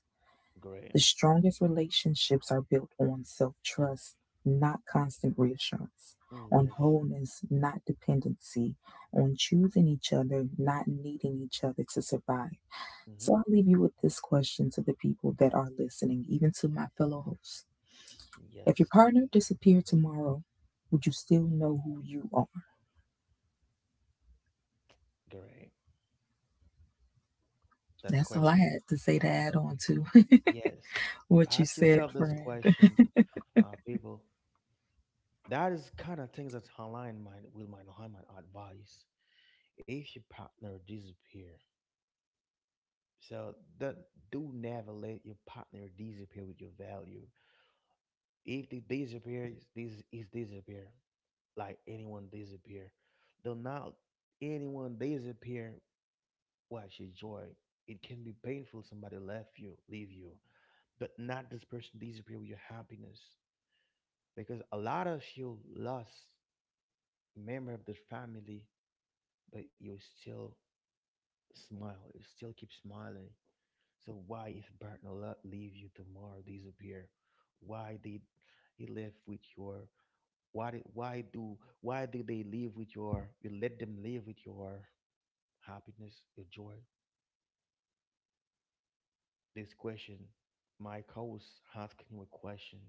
A: Great.
B: The strongest relationships are built on self trust, not constant reassurance,
A: Mm,
B: on
A: yes.
B: wholeness, not dependency, on choosing each other, not needing each other to survive. So
A: Hmm.
B: I'll leave you with this question to the people that are listening, even to my fellow hosts. If your
A: Yes.
B: partner disappeared tomorrow, would you still know who you are?
A: Great. That's
B: That's all I
A: question.
B: had to say to add on to
A: Yes.
B: what you
A: Ask
B: said,
A: yourself this
B: friend.
A: question, people. That is kind of things that align my with my Muhammad advice. If your partner disappear, so that do never let your partner disappear with your value. If they disappear, this is disappear. Like anyone disappear, do not anyone disappear watch your joy. It can be painful somebody left you, leave you, but not this person disappear with your happiness. Because a lot of you lost a member of the family, but you still smile, you still keep smiling. So why if partner leave you tomorrow, disappear? Why did he left with your, why do they live with your, you let them live with your happiness, your joy? This question, my host asking you a question,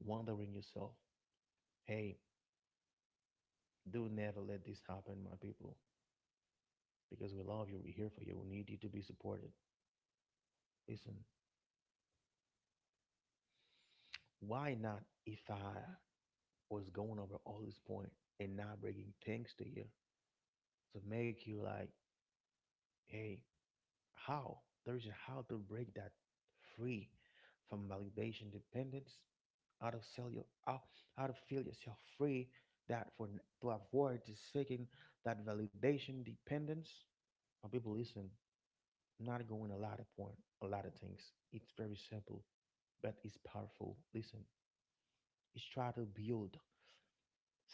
A: wondering yourself, hey, do never let this happen, my people, because we love you, we're here for you, we need you to be supported. Listen, why not if I was going over all this point and not bringing things to you to make you like, hey, how? There's a how to break that free from validation dependence, how to sell you how to feel yourself free, that for to avoid is seeking that validation dependence. But people, listen, I'm not going a lot of point, a lot of things, it's very simple but it's powerful. Listen, it's try to build,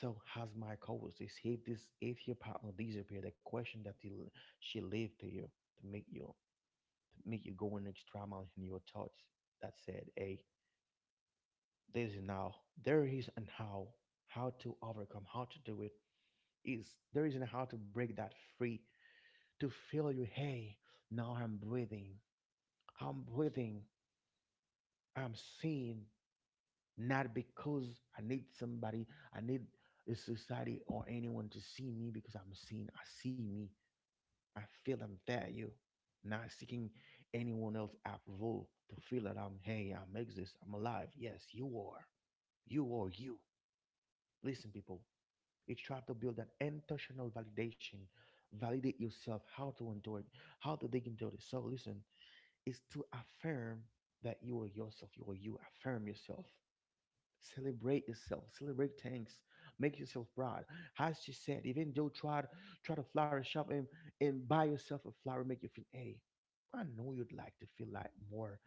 A: so has my co-host is, if your partner disappear, the question that he, she leave to you to make you to make you go an extra mile in your thoughts, that said, hey, this now there is and how to overcome, how to do it, is there is and how to break that free, to feel you, hey, now I'm breathing, I'm seeing, not because I need somebody, I need a society or anyone to see me, because I'm seen, I see me, I feel I'm value, not seeking anyone else approval to feel that I'm, hey, I'm exist, I'm alive. Yes, you are, you are you. Listen, people, it's trying to build an international validation, validate yourself, how to endure it, how to dig into this. So listen, it's to affirm that you are yourself, you are you. Affirm yourself. Celebrate yourself. Celebrate things. Make yourself proud. As she said, even though try to flourish up, and buy yourself a flower, make you feel, hey, I know you'd like to feel like more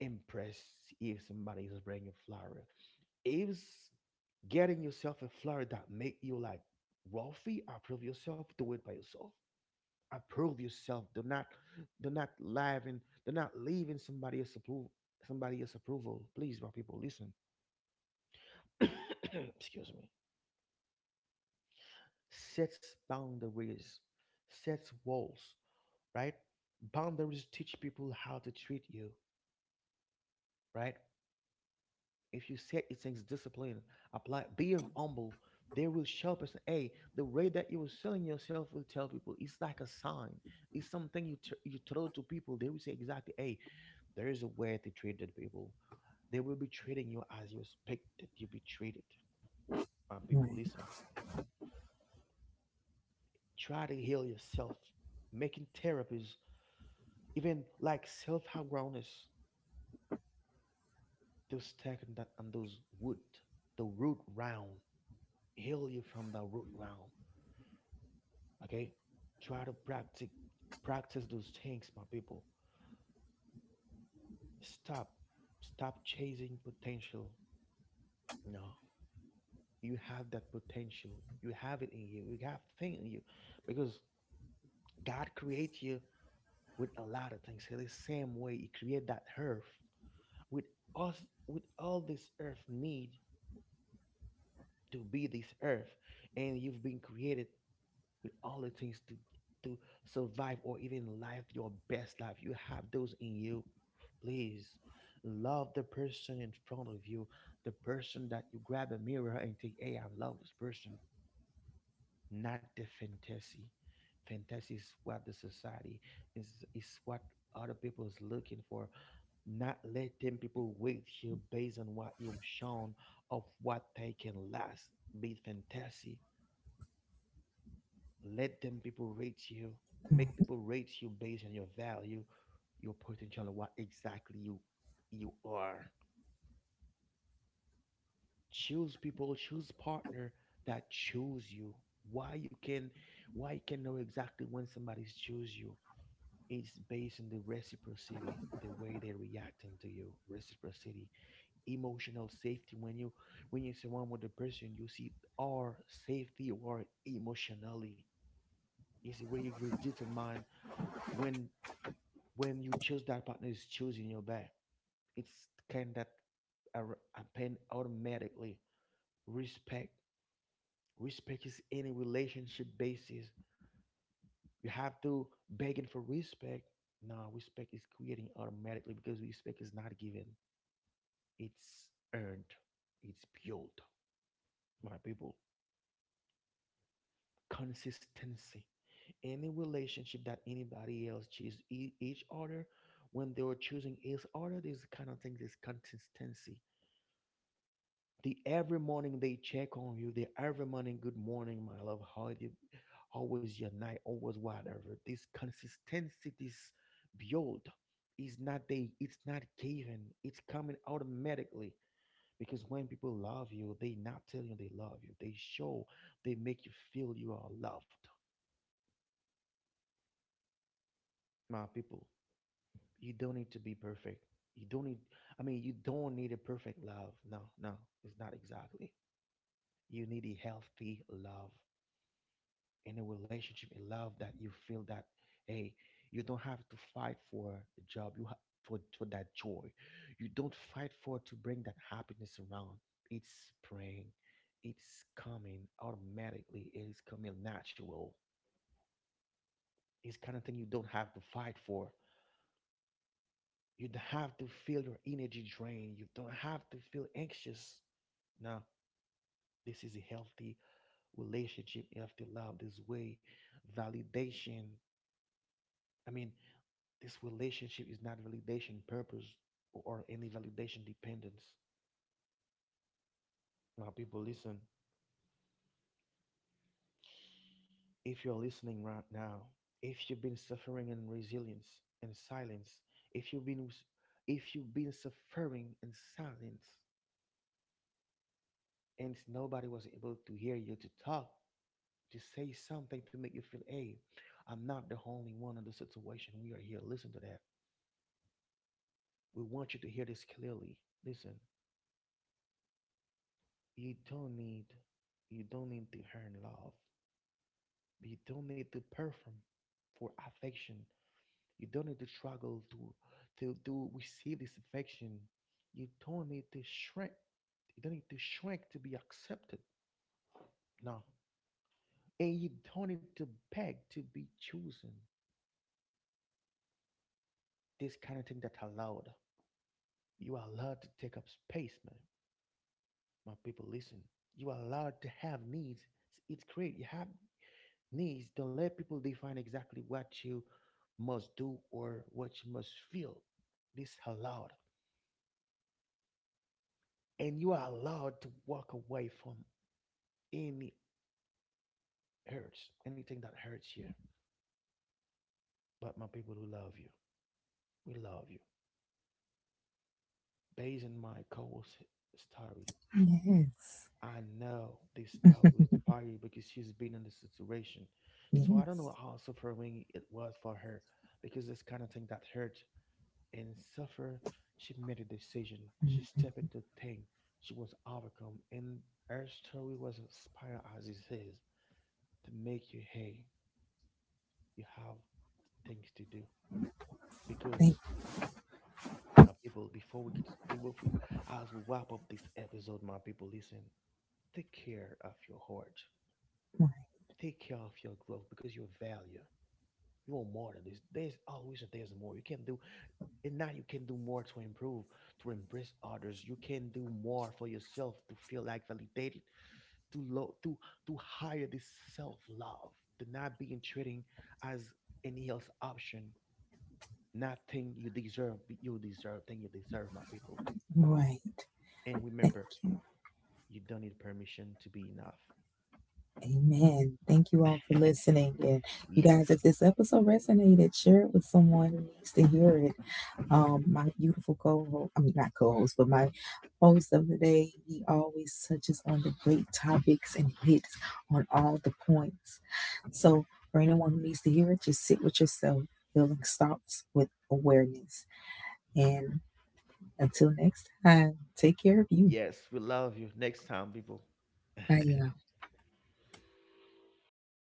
A: impressed if somebody is bringing a flower, it was getting yourself a flower that make you like Rolfie, approve yourself, do it by yourself. Approve yourself. Do not live in somebody else's approval. Please, my people, listen. Excuse me. Sets boundaries, sets walls, right? Boundaries teach people how to treat you, right? If you set your things discipline, apply being humble, they will show up and say, hey, the way that you are selling yourself will tell people. It's like a sign. It's something you throw to people. They will say exactly, hey, there is a way to treat the people. They will be treating you as you expect that you be treated. My people,
B: Right.
A: listen. Try to heal yourself. Making therapies, even like self-awareness, to stack on that, on those wood, the root round. Heal you from the root round. Okay, try to practice those things, my people. Stop, stop chasing potential. No, you have that potential. You have it in you. You have thing in you, because God created you with a lot of things. In the same way, He created that earth with us, with all this earth need to be this earth, and you've been created with all the things to survive or even live your best life. You have those in you. Please love the person in front of you, the person that you grab a mirror and think, "Hey, I love this person," not the fantasy. Fantasy is what the society is what other people is looking for. Not letting people wait you based on what you've shown of what they can last. Be fantasy. Let them people rate you. Make
B: Right.
A: people rate you based on your value, your potential, and what exactly you are. Choose people, choose partner that choose you. Why you can why you can know exactly when somebody's choose you. It's based on the reciprocity, the way they're reacting to you. Reciprocity, emotional safety. When you surround with the person, you see our safety or emotionally, is where you will determine when when you choose that partner is choosing your back. It's kind that are happen automatically. Respect. Respect is any relationship basis. You have to begging for respect. No, respect is creating automatically, because respect is not given, it's earned, it's built. My people, consistency. Any relationship that anybody else choose each other, when they were choosing each other, these kind of things is consistency. The every morning they check on you, the every morning, good morning my love, how was your night, always whatever. This consistency, this build is not they, it's not given, it's coming automatically, because when people love you, they not tell you they love you, they show, they make you feel you are loved. My people, you don't need to be perfect, you don't need I mean you don't need a perfect love. No, no, it's not exactly. You need a healthy love in a relationship, in love that you feel that, hey, you don't have to fight for a job you have for that joy, you don't fight for, to bring that happiness around, it's praying, it's coming automatically, it is coming natural. It's kind of thing you don't have to fight for, you don't have to feel your energy drain, you don't have to feel anxious. Now, this is a healthy relationship, healthy love, this way. Validation, I mean, this relationship is not validation purpose or any validation dependence. Now, people, listen. If you're listening right now, if you've been suffering in resilience and silence, if you've been if you've been suffering in silence, and nobody was able to hear you to talk, to say something to make you feel, hey, I'm not the only one in the situation. We are here. Listen to that. We want you to hear this clearly. Listen, you don't need you don't need to earn love. But you don't need to perform for affection. You don't need to struggle to receive this affection. You don't need to shrink. You don't need to shrink to be accepted. No. And you don't need to beg to be chosen. This kind of thing that allowed. You are allowed to take up space, man. My people, listen. You are allowed to have needs. It's great. You have needs. Don't let people define exactly what you must do or what you must feel. This allowed. And you are allowed to walk away from any hurts, anything that hurts you. But my people, we love you, we love you. Based on my co-host story,
B: Yes.
A: I know this story is inspiring because she's been in this situation. So I don't know
B: Yes.
A: how suffering it was for her because this kind of thing that hurt and suffer, she made a decision. She
B: Mm.
A: stepped into thing. She was overcome, and her story was inspired as it is to make you, hey, you have things to do.
B: Thank
A: Because my people, before we get people, if we, as we wrap up this episode, my people, listen. Take care of your heart.
B: right.
A: Take care of your growth because your value. You want more than this. There's always a there's more. You can do, and now you can do more to improve, to embrace others. You can do more for yourself to feel like validated, to low to hire this self-love, to not being treating as any else option, nothing you deserve, but you deserve, thing you deserve, my people.
B: Right.
A: And
B: Thank
A: remember,
B: you.
A: you don't need permission to be enough.
B: Amen. Thank you all for listening. And you guys,
A: Yes.
B: if this episode resonated, share it with someone who needs to hear it. My beautiful co-host, I mean not co-host, but my host of the day, he always touches on the great topics and hits on all the points. So for anyone who needs to hear it, just sit with yourself. Building starts with awareness. And until next time, take care of you.
A: Yes, we love you. Next time, people.
B: Bye, y'all.